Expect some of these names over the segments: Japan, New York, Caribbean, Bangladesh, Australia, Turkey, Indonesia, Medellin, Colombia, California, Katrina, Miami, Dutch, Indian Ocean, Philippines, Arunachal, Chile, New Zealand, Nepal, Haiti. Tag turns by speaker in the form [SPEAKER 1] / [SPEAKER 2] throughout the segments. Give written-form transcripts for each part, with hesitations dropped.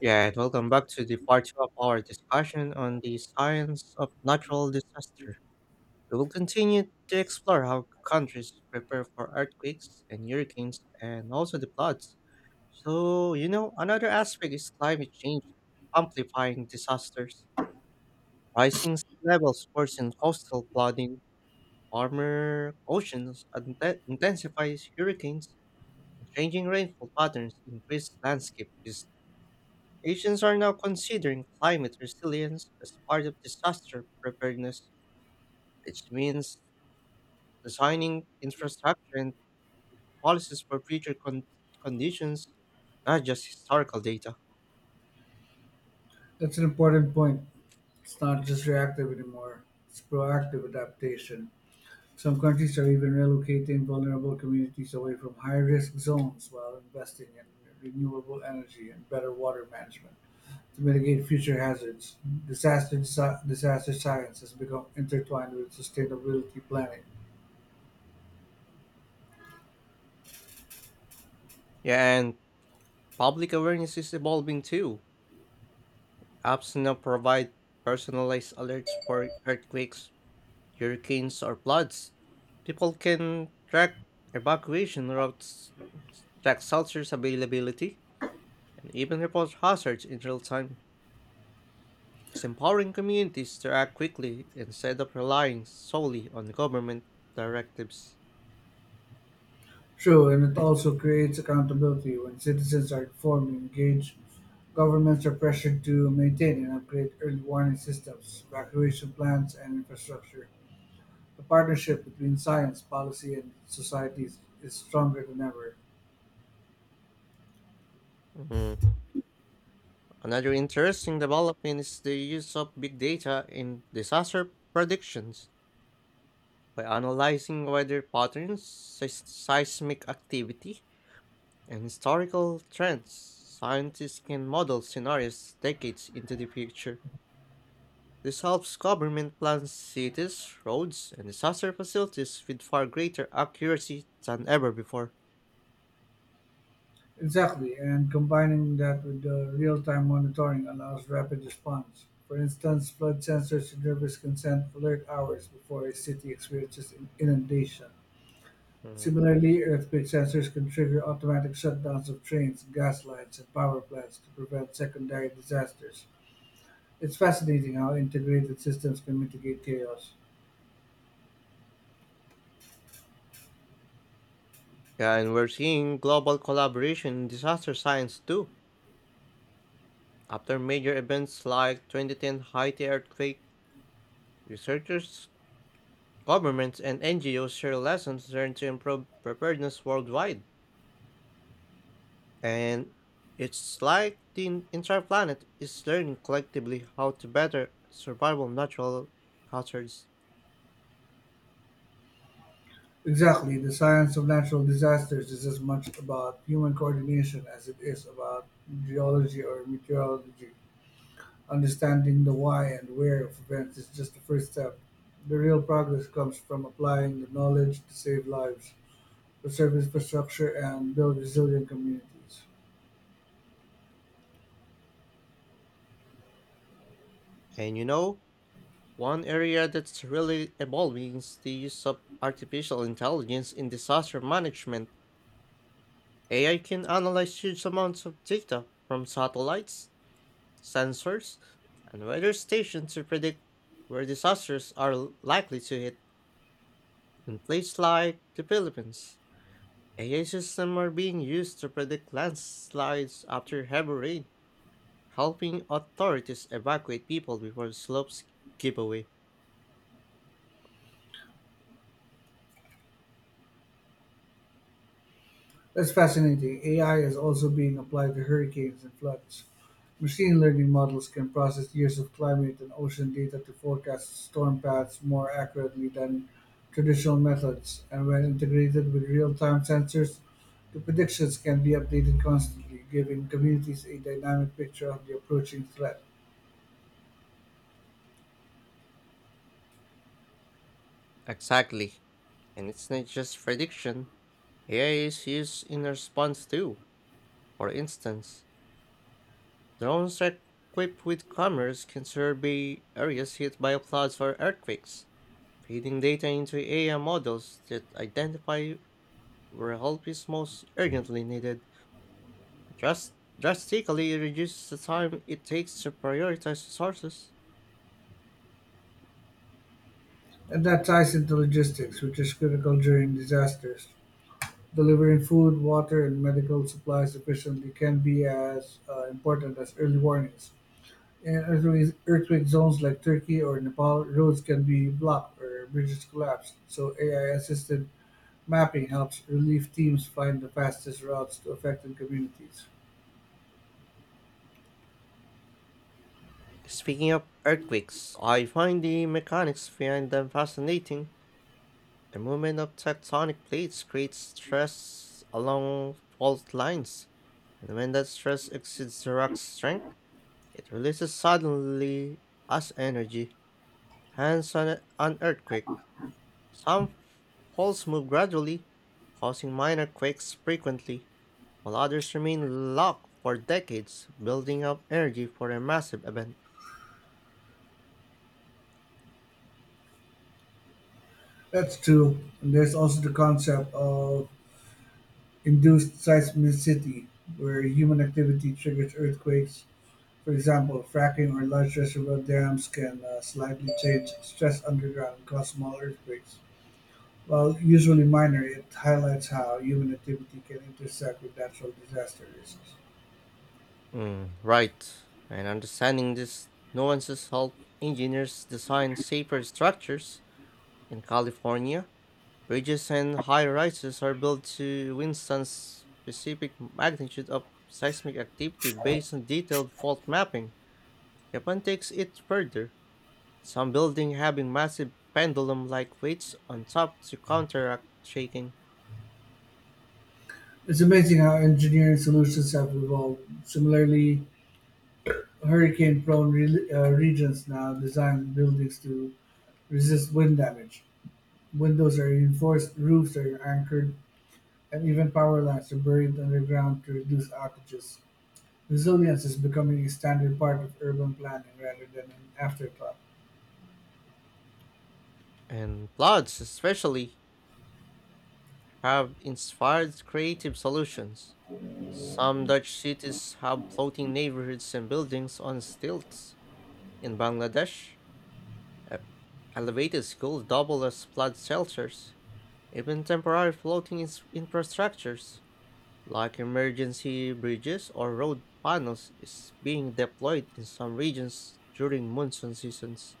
[SPEAKER 1] Yeah, and welcome back to the part two of our discussion on the science of natural disaster. We will continue to explore how countries prepare for earthquakes and hurricanes and also the floods. So, another aspect is climate change amplifying disasters. Rising sea levels worsen coastal flooding, warmer oceans intensifies hurricanes, and changing rainfall patterns increase landscape risk. Nations are now considering climate resilience as part of disaster preparedness, which means designing infrastructure and policies for future conditions, not just historical data.
[SPEAKER 2] That's an important point. It's not just reactive anymore, it's proactive adaptation. Some countries are even relocating vulnerable communities away from high risk zones while investing in renewable energy and better water management to mitigate future hazards. Disaster science has become intertwined with sustainability planning.
[SPEAKER 1] Yeah, and public awareness is evolving too. Apps now provide personalized alerts for earthquakes, hurricanes, or floods. People can track evacuation routes, track shelters availability, and even report hazards in real time. It's empowering communities to act quickly instead of relying solely on government directives.
[SPEAKER 2] True, and it also creates accountability when citizens are informed and engaged. Governments are pressured to maintain and upgrade early warning systems, evacuation plans, and infrastructure. The partnership between science, policy, and societies is stronger than ever.
[SPEAKER 1] Mhm. Another interesting development is the use of big data in disaster predictions by analyzing weather patterns, seismic activity, and historical trends. Scientists can model scenarios decades into the future. This helps government plan cities, roads, and disaster facilities with far greater accuracy than ever before.
[SPEAKER 2] Exactly, and combining that with the real-time monitoring allows rapid response. For instance, flood sensors delivers consent alert hours before a city experiences inundation.
[SPEAKER 1] Mhm.
[SPEAKER 2] Similarly, earthquake sensors can trigger automatic shutdowns of trains, gas lines, and power plants to prevent secondary disasters. It's fascinating how integrated systems can mitigate chaos.
[SPEAKER 1] Yeah, and we're seeing global collaboration in disaster science too. After major events like 2010 Haiti earthquake, researchers, governments, and NGOs share lessons learned to improve preparedness worldwide. And it's like the entire planet is learning collectively how to better survival natural hazards.
[SPEAKER 2] Exactly, the science of natural disasters is as much about human coordination as it is about geology or meteorology. Understanding the why and where of events is just the first step. The real progress comes from applying the knowledge to save lives, preserve infrastructure, and build resilient communities.
[SPEAKER 1] And you know, one area that's really evolving is the use of artificial intelligence in disaster management. AI can analyze huge amounts of data from satellites, sensors, and weather stations to predict where disasters are likely to hit. In places like the Philippines, AI systems are being used to predict landslides after heavy rain, helping authorities evacuate people before slopes give away.
[SPEAKER 2] That's fascinating. AI is also being applied to hurricanes and floods. Machine learning models can process years of climate and ocean data to forecast storm paths more accurately than traditional methods, and when integrated with real time sensors, the predictions can be updated constantly, giving communities a dynamic picture of the approaching threat.
[SPEAKER 1] Exactly. And it's not just prediction, AI is used in response too. For instance, drones equipped with cameras can survey areas hit by floods or earthquakes, feeding data into AI models that identify where help is most urgently needed, just drastically reduces the time it takes to prioritize resources.
[SPEAKER 2] And that ties into logistics, which is critical during disasters. Delivering food, water, and medical supplies efficiently can be as important as early warnings. In earthquake zones like Turkey or Nepal, roads can be blocked or bridges collapse, so AI assisted mapping helps relief teams find the fastest routes to affected communities.
[SPEAKER 1] Speaking of earthquakes, I find the mechanics behind them fascinating. The movement of tectonic plates creates stress along fault lines, and when that stress exceeds the rock's strength, it releases suddenly as energy, hence an earthquake. Some faults move gradually, causing minor quakes frequently, while others remain locked for decades, building up energy for a massive event.
[SPEAKER 2] That's two. And there's also the concept of induced seismicity, where human activity triggers earthquakes. For example, fracking or large reservoir dams can slightly change stress underground and cause small earthquakes. While usually minor, it highlights how human activity can intersect with natural disaster risks.
[SPEAKER 1] Mm, right, and understanding these nuances helps engineers design safer structures in California. Bridges and high rises are built to withstand specific magnitude of seismic activity based on detailed fault mapping. Japan takes it further, some buildings having massive pendulum like weights on top to counteract shaking.
[SPEAKER 2] It's amazing how engineering solutions have evolved. Similarly, hurricane prone regions now design buildings to resist wind damage. Windows are reinforced, roofs are anchored, and even power lines are buried underground to reduce outages. Resilience is becoming a standard part of urban planning rather than an afterthought.
[SPEAKER 1] And floods, especially, have inspired creative solutions. Some Dutch cities have floating neighborhoods and buildings on stilts. In Bangladesh, e- elevated schools double as flood shelters. Even temporary floating infrastructures, like emergency bridges or road panels, is being deployed in some regions during monsoon seasons.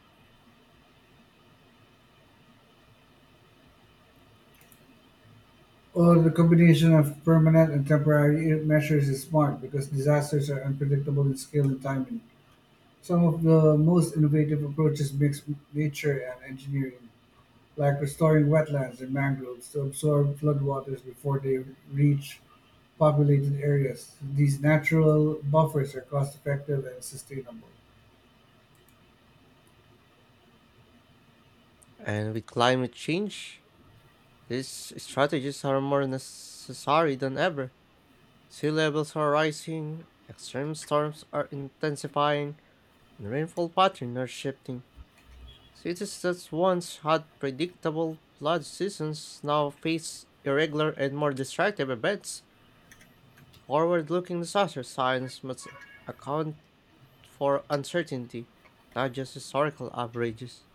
[SPEAKER 2] While the combination of permanent and temporary measures is smart because disasters are unpredictable in scale and timing. Some of the most innovative approaches mix nature and engineering, like restoring wetlands and mangroves to absorb floodwaters before they reach populated areas. These natural buffers are cost effective and sustainable.
[SPEAKER 1] And with climate change, these strategies are more necessary than ever. Sea levels are rising, extreme storms are intensifying, and rainfall patterns are shifting. Cities that once had predictable flood seasons now face irregular and more destructive events. Forward-looking disaster science must account for uncertainty, not just historical averages.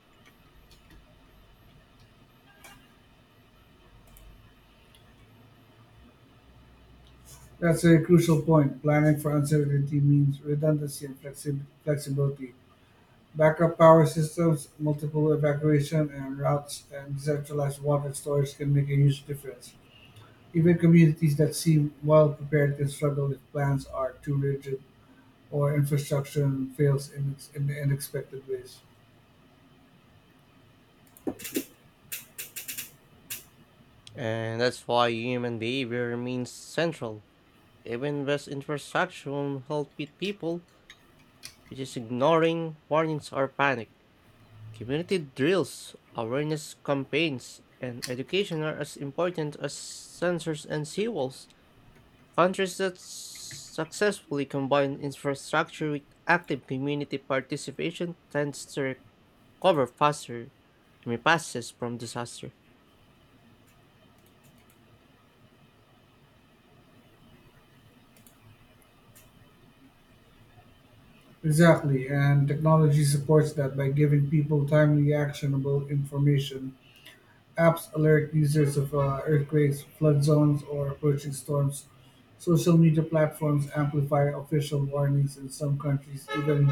[SPEAKER 2] That's a crucial point. Planning for uncertainty means redundancy and flexibility. Backup power systems, multiple evacuation and routes, and decentralized water storage can make a huge difference. Even communities that seem well prepared can struggle if plans are too rigid or infrastructure fails in unexpected ways.
[SPEAKER 1] And that's why human behavior remains central. Even best infrastructure will not help with people, which is ignoring warnings or panic. Community drills, awareness campaigns, and education are as important as sensors and seawalls. Countries that successfully combine infrastructure with active community participation tends to cover faster, I mean passes from disaster.
[SPEAKER 2] Exactly, and technology supports that by giving people timely, actionable information. Apps alert users of earthquakes, flood zones, or approaching storms. Social media platforms amplify official warnings, and some countries even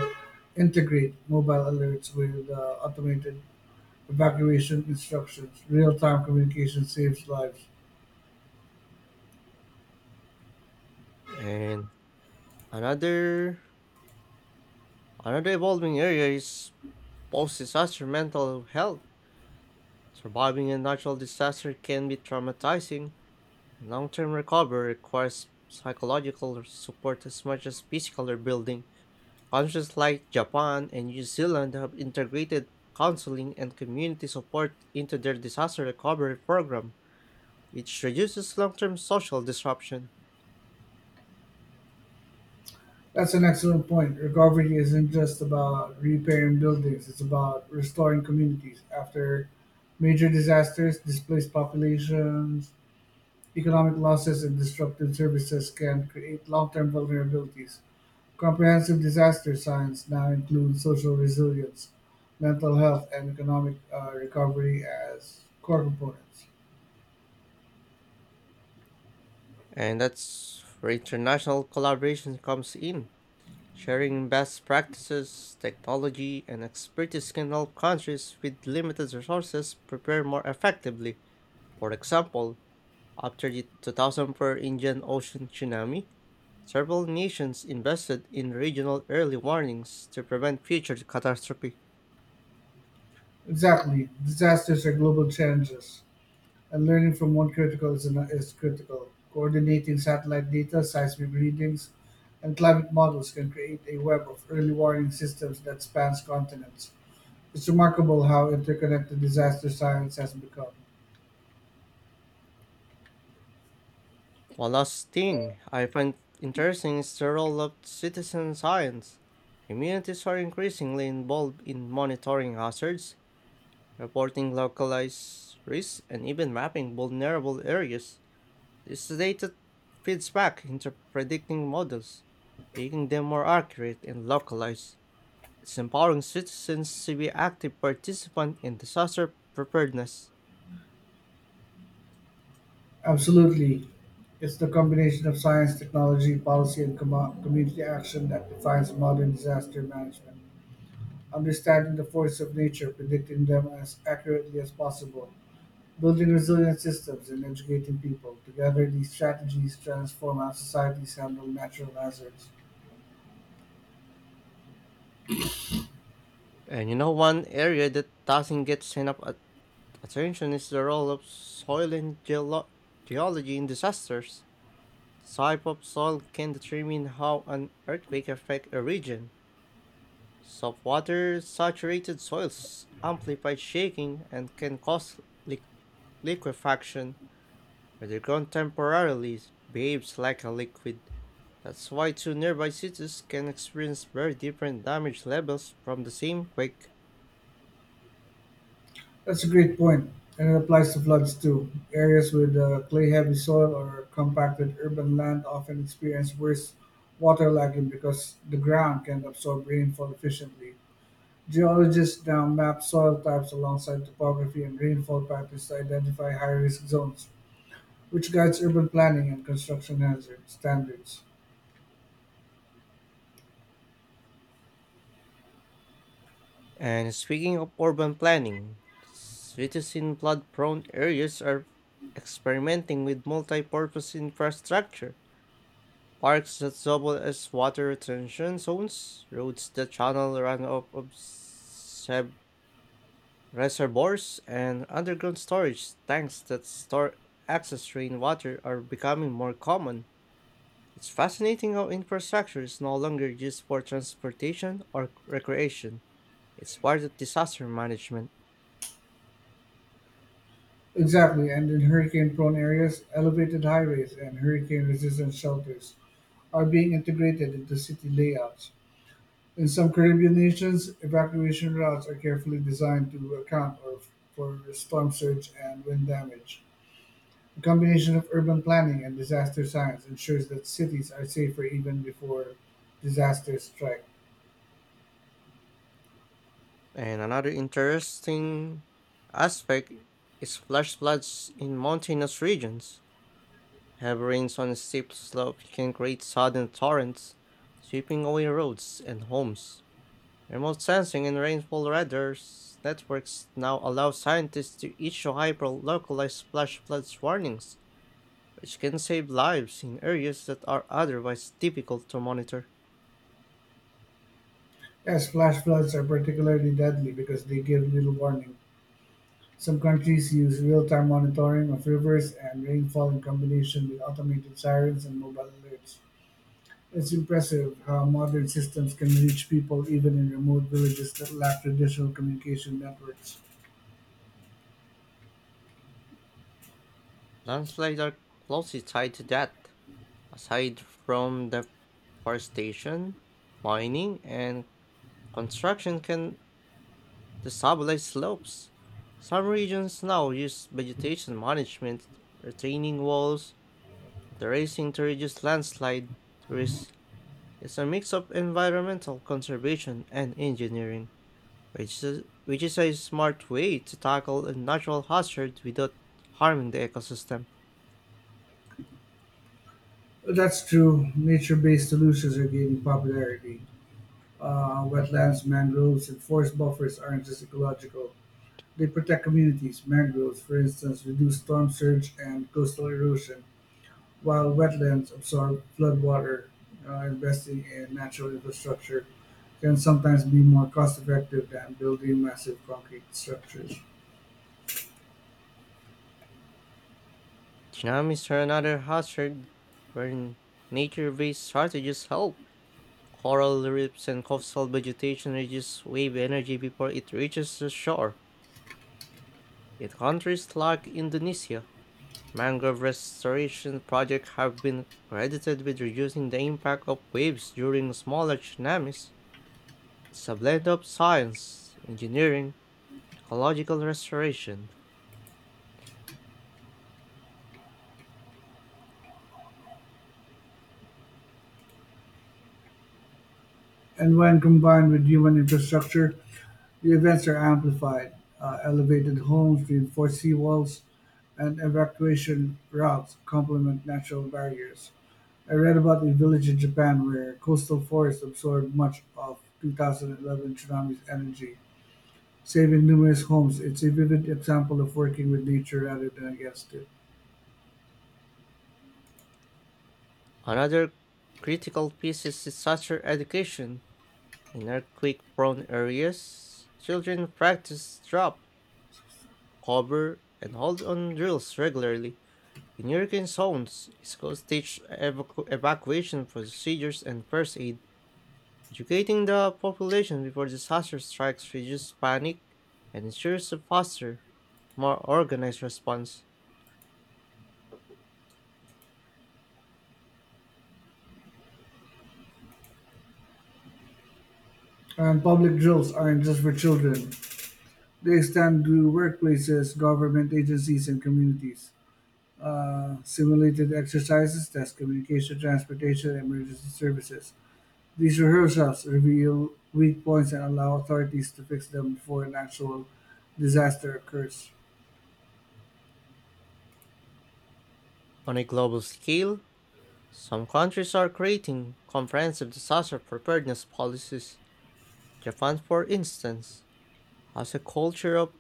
[SPEAKER 2] integrate mobile alerts with automated evacuation instructions. Real time communication saves lives.
[SPEAKER 1] And another another evolving area is post disaster mental health. Surviving a natural disaster can be traumatizing and long term recovery requires psychological support as much as physical rebuilding. Countries like Japan and New Zealand have integrated counseling and community support into their disaster recovery program, which reduces long term social disruption.
[SPEAKER 2] That's an excellent point. Recovery isn't just about repairing buildings, it's about restoring communities after major disasters, displaced populations, economic losses and disruptive services can create long-term vulnerabilities. Comprehensive disaster science now includes social resilience, mental health, and economic recovery as core components.
[SPEAKER 1] And that's where international collaboration comes in. Sharing best practices, technology, and expertise can help countries with limited resources prepare more effectively. For example, after the 2004 Indian Ocean tsunami, several nations invested in regional early warnings to prevent future catastrophe.
[SPEAKER 2] Exactly. Disasters are global challenges, and learning from one critical is, ano- is critical. Coordinating satellite data, seismic readings, and climate models can create a web of early warning systems that spans continents. It's remarkable how interconnected disaster science has become.
[SPEAKER 1] One last thing I find interesting is the role of citizen science. Communities are increasingly involved in monitoring hazards, reporting localized risks, and even mapping vulnerable areas. This data feeds back into predicting models, making them more accurate and localized. It's empowering citizens to be active participants in disaster preparedness.
[SPEAKER 2] Absolutely. It's the combination of science, technology, policy, and community action that defines modern disaster management. Understanding the forces of nature, predicting them as accurately as possible, building resilient systems, and educating people. Together, these strategies transform how societies handle natural hazards.
[SPEAKER 1] One area that doesn't get enough attention is the role of soil and geology in disasters. The type of soil can determine how an earthquake affects a region. Soft water saturated soils amplify shaking and can cause li- liquefaction, where the ground temporarily behaves like a liquid. That's why two nearby cities can experience very different damage levels from the same quake.
[SPEAKER 2] That's a great point, and it applies to floods too. Areas with clay-heavy soil or compacted urban land often experience worse water lagging because the ground can't absorb rainfall efficiently. Geologists now map soil types alongside topography and rainfall patterns to identify high-risk zones, which guides urban planning and construction hazard standards.
[SPEAKER 1] And speaking of urban planning, cities in flood prone areas are experimenting with multi purpose infrastructure. Parks that double as water retention zones, roads that channel runoff of reservoirs and underground storage tanks that store excess rainwater are becoming more common. It's fascinating how infrastructure is no longer used for transportation or recreation. It's part of disaster management.
[SPEAKER 2] Exactly, and in hurricane-prone areas, elevated highways and hurricane-resistant shelters are being integrated into city layouts. In some Caribbean nations, evacuation routes are carefully designed to account for storm surge and wind damage. A combination of urban planning and disaster science ensures that cities are safer even before disasters strike.
[SPEAKER 1] And another interesting aspect is flash floods in mountainous regions. Heavy rains on a steep slopes can create sudden torrents, sweeping away roads and homes. Remote sensing and rainfall radars networks now allow scientists to issue hyper-localized flash flood warnings, which can save lives in areas that are otherwise difficult to monitor.
[SPEAKER 2] Yes, flash floods are particularly deadly because they give little warning. Some countries use real time monitoring of rivers and rainfall in combination with automated sirens and mobile alerts. It's impressive how modern systems can reach people even in remote villages that lack traditional communication networks.
[SPEAKER 1] Landslides are closely tied to that. Aside from deforestation, mining, and construction can destabilize slopes. Some regions now use vegetation management, retaining walls, terracing to reduce landslide risk. It's a mix of environmental conservation and engineering, which is a smart way to tackle a natural hazard without harming the ecosystem.
[SPEAKER 2] That's true. Nature based solutions are gaining popularity. Wetlands, mangroves, and forest buffers aren't just ecological. They protect communities. Mangroves, for instance, reduce storm surge and coastal erosion, while wetlands absorb floodwater. Investing in natural infrastructure can sometimes be more cost effective than building massive concrete structures.
[SPEAKER 1] Tsunamis are another hazard where nature based strategies help. Coral reefs and coastal vegetation reduce wave energy before it reaches the shore. In countries like Indonesia, mangrove restoration projects have been credited with reducing the impact of waves during smaller tsunamis. It's a blend of science, engineering, and ecological restoration.
[SPEAKER 2] And when combined with human infrastructure, the events are amplified. Elevated homes, reinforced seawalls, and evacuation routes complement natural barriers. I read about a village in Japan where coastal forests absorbed much of 2011 tsunami's energy, saving numerous homes. It's a vivid example of working with nature rather than against it.
[SPEAKER 1] Another critical piece is disaster education. In earthquake prone areas, children practice drop, cover, and hold on drills regularly. In hurricane zones, schools teach evacuation procedures and first aid. Educating the population before disaster strikes reduces panic and ensures a faster, more organized response.
[SPEAKER 2] And public drills aren't just for children, they extend to workplaces, government agencies, and communities. Simulated exercises, test communication, transportation, and emergency services. These rehearsals reveal weak points and allow authorities to fix them before an actual disaster occurs.
[SPEAKER 1] On a global scale, some countries are creating comprehensive disaster preparedness policies. Japan, for instance, has a culture of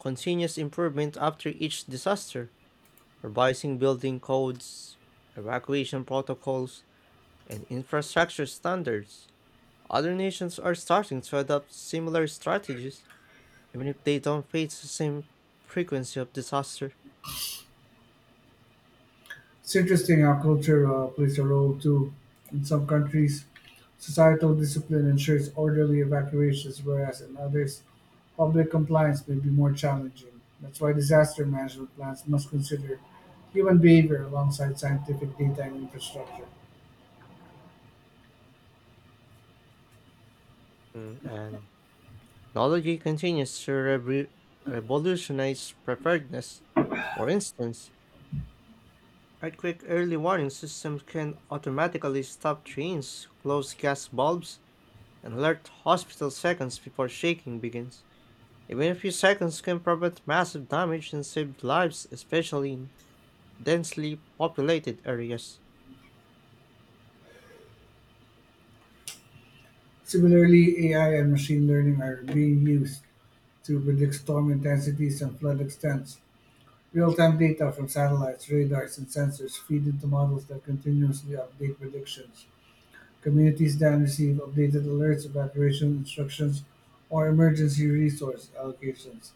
[SPEAKER 1] continuous improvement after each disaster, revising building codes, evacuation protocols, and infrastructure standards. Other nations are starting to adopt similar strategies, even if they don't face the same frequency of disaster.
[SPEAKER 2] It's interesting how culture plays a role too. In some countries, societal discipline ensures orderly evacuations, whereas in others, public compliance may be more challenging. That's why disaster management plans must consider human behavior alongside scientific data and infrastructure.
[SPEAKER 1] Mm, and technology continues to revolutionize preparedness. For instance, earthquake early warning systems can automatically stop trains, close gas bulbs, and alert hospitals seconds before shaking begins. Even a few seconds can prevent massive damage and save lives, especially in densely populated areas.
[SPEAKER 2] Similarly, AI and machine learning are being used to predict storm intensities and flood extents. Real-time data from satellites, radars, and sensors feed into models that continuously update predictions. Communities then receive updated alerts, evacuation instructions, or emergency resource allocations.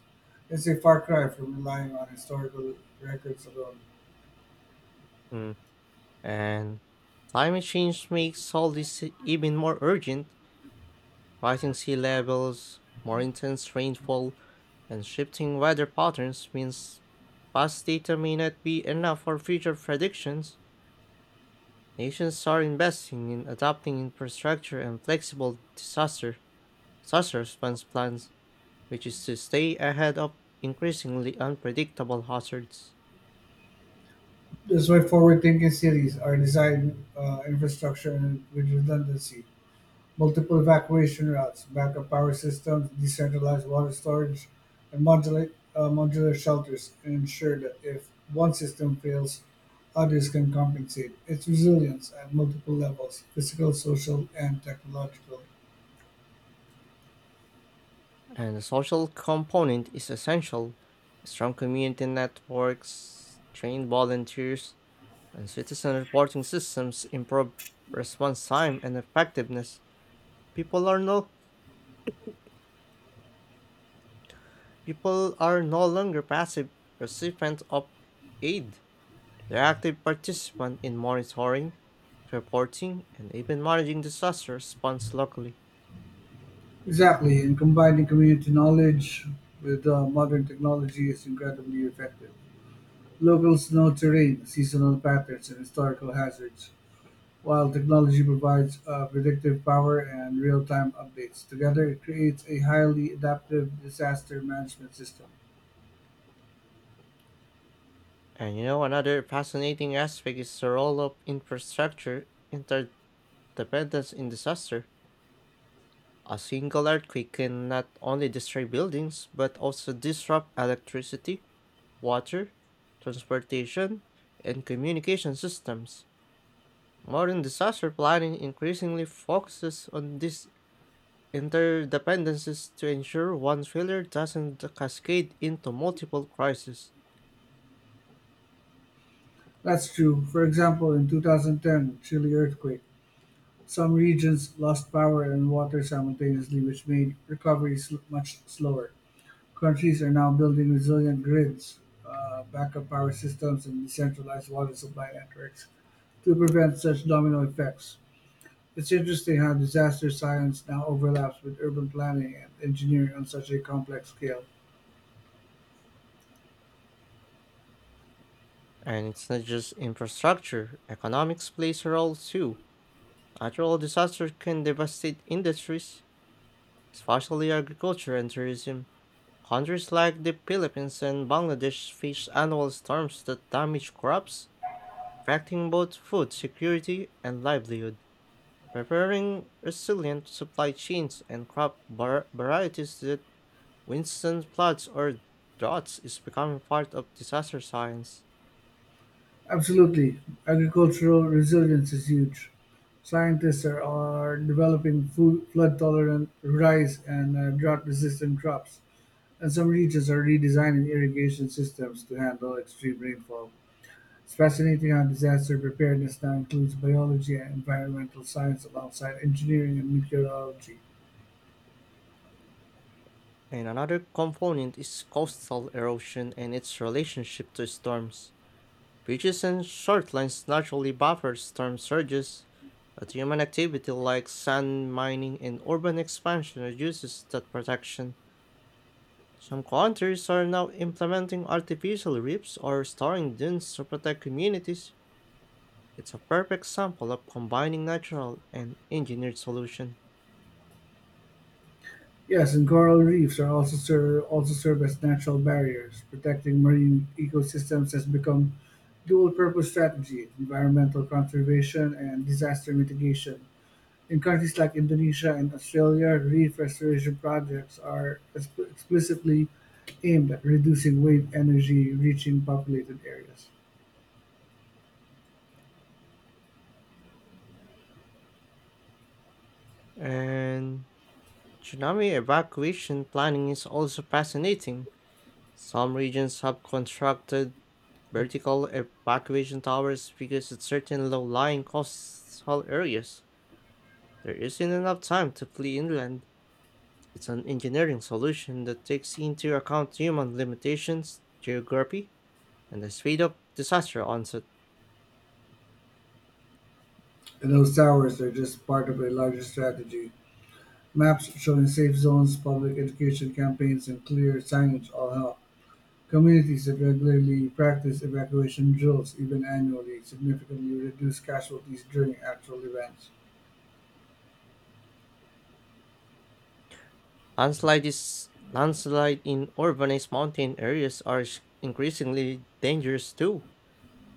[SPEAKER 2] It's a far cry from relying on historical records alone.
[SPEAKER 1] Mm. And climate change makes all this even more urgent. Rising sea levels, more intense rainfall, and shifting weather patterns means past data may not be enough for future predictions. Nations are investing in adopting infrastructure and flexible disaster response plans, which is to stay ahead of increasingly unpredictable hazards.
[SPEAKER 2] That's why forward-thinking cities are designed infrastructure and with redundancy. Multiple evacuation routes, backup power systems, decentralized water storage, and modular shelters ensure that if one system fails, others can compensate. It's resilience at multiple levels physical, social, and technological.
[SPEAKER 1] And the social component is essential. Strong community networks, trained volunteers, and citizen reporting systems improve response time and effectiveness. People are no people are no longer passive recipients of aid. The active participant in monitoring, reporting, and even managing disaster response locally.
[SPEAKER 2] Exactly, and combining community knowledge with modern technology is incredibly effective. Locals know terrain, seasonal patterns, and historical hazards, while technology provides predictive power and real-time updates, together it creates a highly adaptive disaster management system.
[SPEAKER 1] Another fascinating aspect is the role of infrastructure interdependence in disaster. A single earthquake can not only destroy buildings, but also disrupt electricity, water, transportation, and communication systems. Modern disaster planning increasingly focuses on this interdependencies to ensure one failure doesn't cascade into multiple crises.
[SPEAKER 2] That's true. For example, in 2010 Chile earthquake, some regions lost power and water simultaneously, which made recovery much slower. Countries are now building resilient grids, backup power systems, and decentralized water supply networks to prevent such domino effects. It's interesting how disaster science now overlaps with urban planning and engineering on such a complex scale.
[SPEAKER 1] And it's not just infrastructure, economics plays a role too. Natural disasters can devastate industries, especially agriculture and tourism. Countries like the Philippines and Bangladesh face annual storms that damage crops, affecting both food security and livelihood. Preferring resilient supply chains and crop varieties that withstand floods or droughts is becoming part of disaster science.
[SPEAKER 2] Absolutely. Agricultural resilience is huge. Scientists are developing food, flood tolerant rice and drought resistant crops. And some regions are redesigning irrigation systems to handle extreme rainfall. It's fascinating how disaster preparedness now includes biology and environmental science alongside engineering and meteorology.
[SPEAKER 1] And another component is coastal erosion and its relationship to storms. Beaches and shorelines naturally buffer storm surges, but human activity like sand mining and urban expansion reduces that protection. Some countries are now implementing artificial reefs or storing dunes to protect communities. It's a perfect example of combining natural and engineered solution.
[SPEAKER 2] Yes, and coral reefs are also serve as natural barriers, protecting marine ecosystems has become dual-purpose strategy, environmental conservation and disaster mitigation. In countries like Indonesia and Australia, reef restoration projects are explicitly aimed at reducing wave energy reaching populated areas.
[SPEAKER 1] And tsunami evacuation planning is also fascinating. Some regions have constructed vertical evacuation towers because at certain low-lying coastal areas, there isn't enough time to flee inland. It's an engineering solution that takes into account human limitations, geography, and the speed of disaster onset.
[SPEAKER 2] And those towers are just part of a larger strategy. Maps showing safe zones, public education campaigns, and clear signage all help. Communities that regularly practice evacuation drills, even annually, significantly reduce casualties during actual events.
[SPEAKER 1] Landslide in urbanized mountain areas are increasingly dangerous too.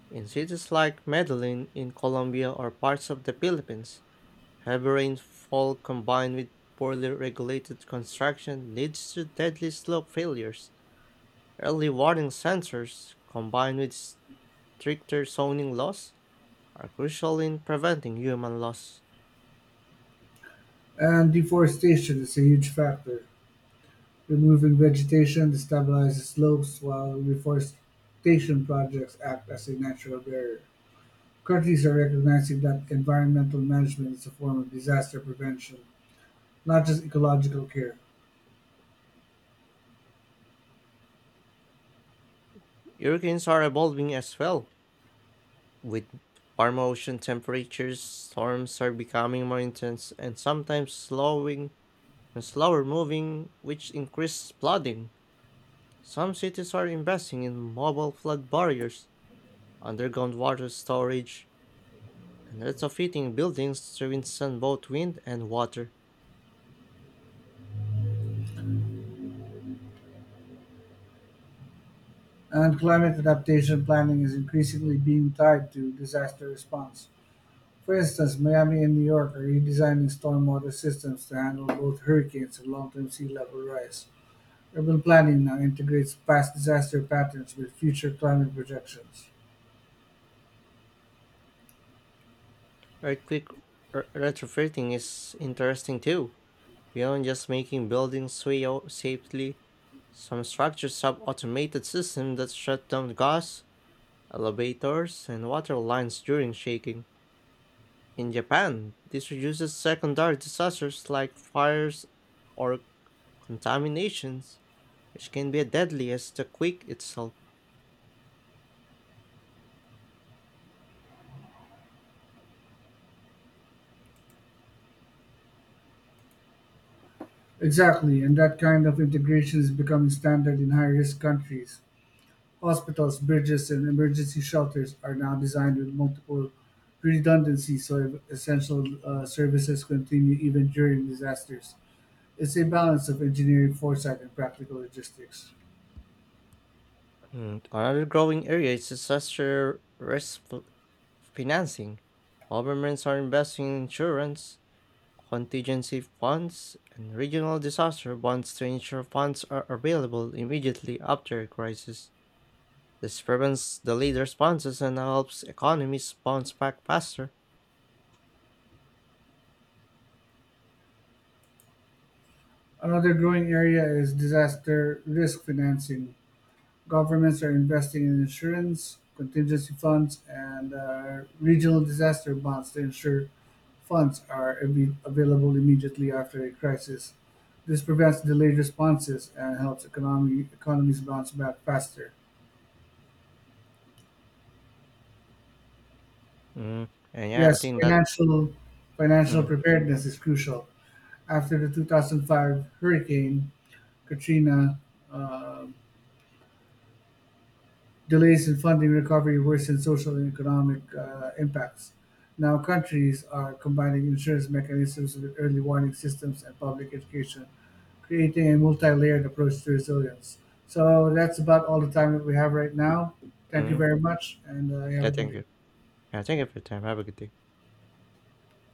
[SPEAKER 1] In cities like Medellin in Colombia or parts of the Philippines, heavy rainfall combined with poorly regulated construction leads to deadly slope failures. Early warning sensors, combined with stricter zoning laws, are crucial in preventing human loss.
[SPEAKER 2] And deforestation is a huge factor. Removing vegetation destabilizes slopes, while reforestation projects act as a natural barrier. Countries are recognizing that environmental management is a form of disaster prevention, not just ecological care.
[SPEAKER 1] Hurricanes are evolving as well. With warm ocean temperatures, storms are becoming more intense and sometimes slowing and slower moving, which increases flooding. Some cities are investing in mobile flood barriers, underground water storage, and retrofitting buildings to withstand both wind and water.
[SPEAKER 2] And climate adaptation planning is increasingly being tied to disaster response. For instance, Miami and New York are redesigning stormwater systems to handle both hurricanes and long-term sea level rise. Urban planning now integrates past disaster patterns with future climate projections.
[SPEAKER 1] Earthquake retrofitting is interesting too. Beyond just making buildings sway safely, some structures have automated systems that shut down gas elevators, and water lines during shaking. In Japan, this reduces secondary disasters like fires or contaminations, which can be deadly as the quake itself.
[SPEAKER 2] Exactly, and that kind of integration is becoming standard in high risk countries. Hospitals, bridges, and emergency shelters are now designed with multiple redundancies so essential services continue even during disasters. It's a balance of engineering foresight and practical logistics.
[SPEAKER 1] And another growing area is disaster risk financing. Governments are investing in insurance, contingency funds, and regional disaster bonds to ensure funds are available immediately after a crisis. This prevents delayed responses and helps economies bounce back faster.
[SPEAKER 2] Another growing area is disaster risk financing. Governments are investing in insurance, contingency funds, and regional disaster bonds to ensure funds are available immediately after a crisis. This prevents delayed responses and helps economies bounce back faster.
[SPEAKER 1] Mm. And yeah, I
[SPEAKER 2] Yes,
[SPEAKER 1] think that.
[SPEAKER 2] financial
[SPEAKER 1] Mm,
[SPEAKER 2] preparedness is crucial. After the 2005 hurricane Katrina, um delays in funding recovery worsen social and economic impacts. Now, countries are combining insurance mechanisms with early warning systems and public education, creating a multi layered approach to resilience. So, that's about all the time that we have right now. Thank you
[SPEAKER 1] mm.
[SPEAKER 2] very much, and have
[SPEAKER 1] Yeah,
[SPEAKER 2] a good
[SPEAKER 1] thank
[SPEAKER 2] day.
[SPEAKER 1] you. Yeah, thank you for your time. Have a good day.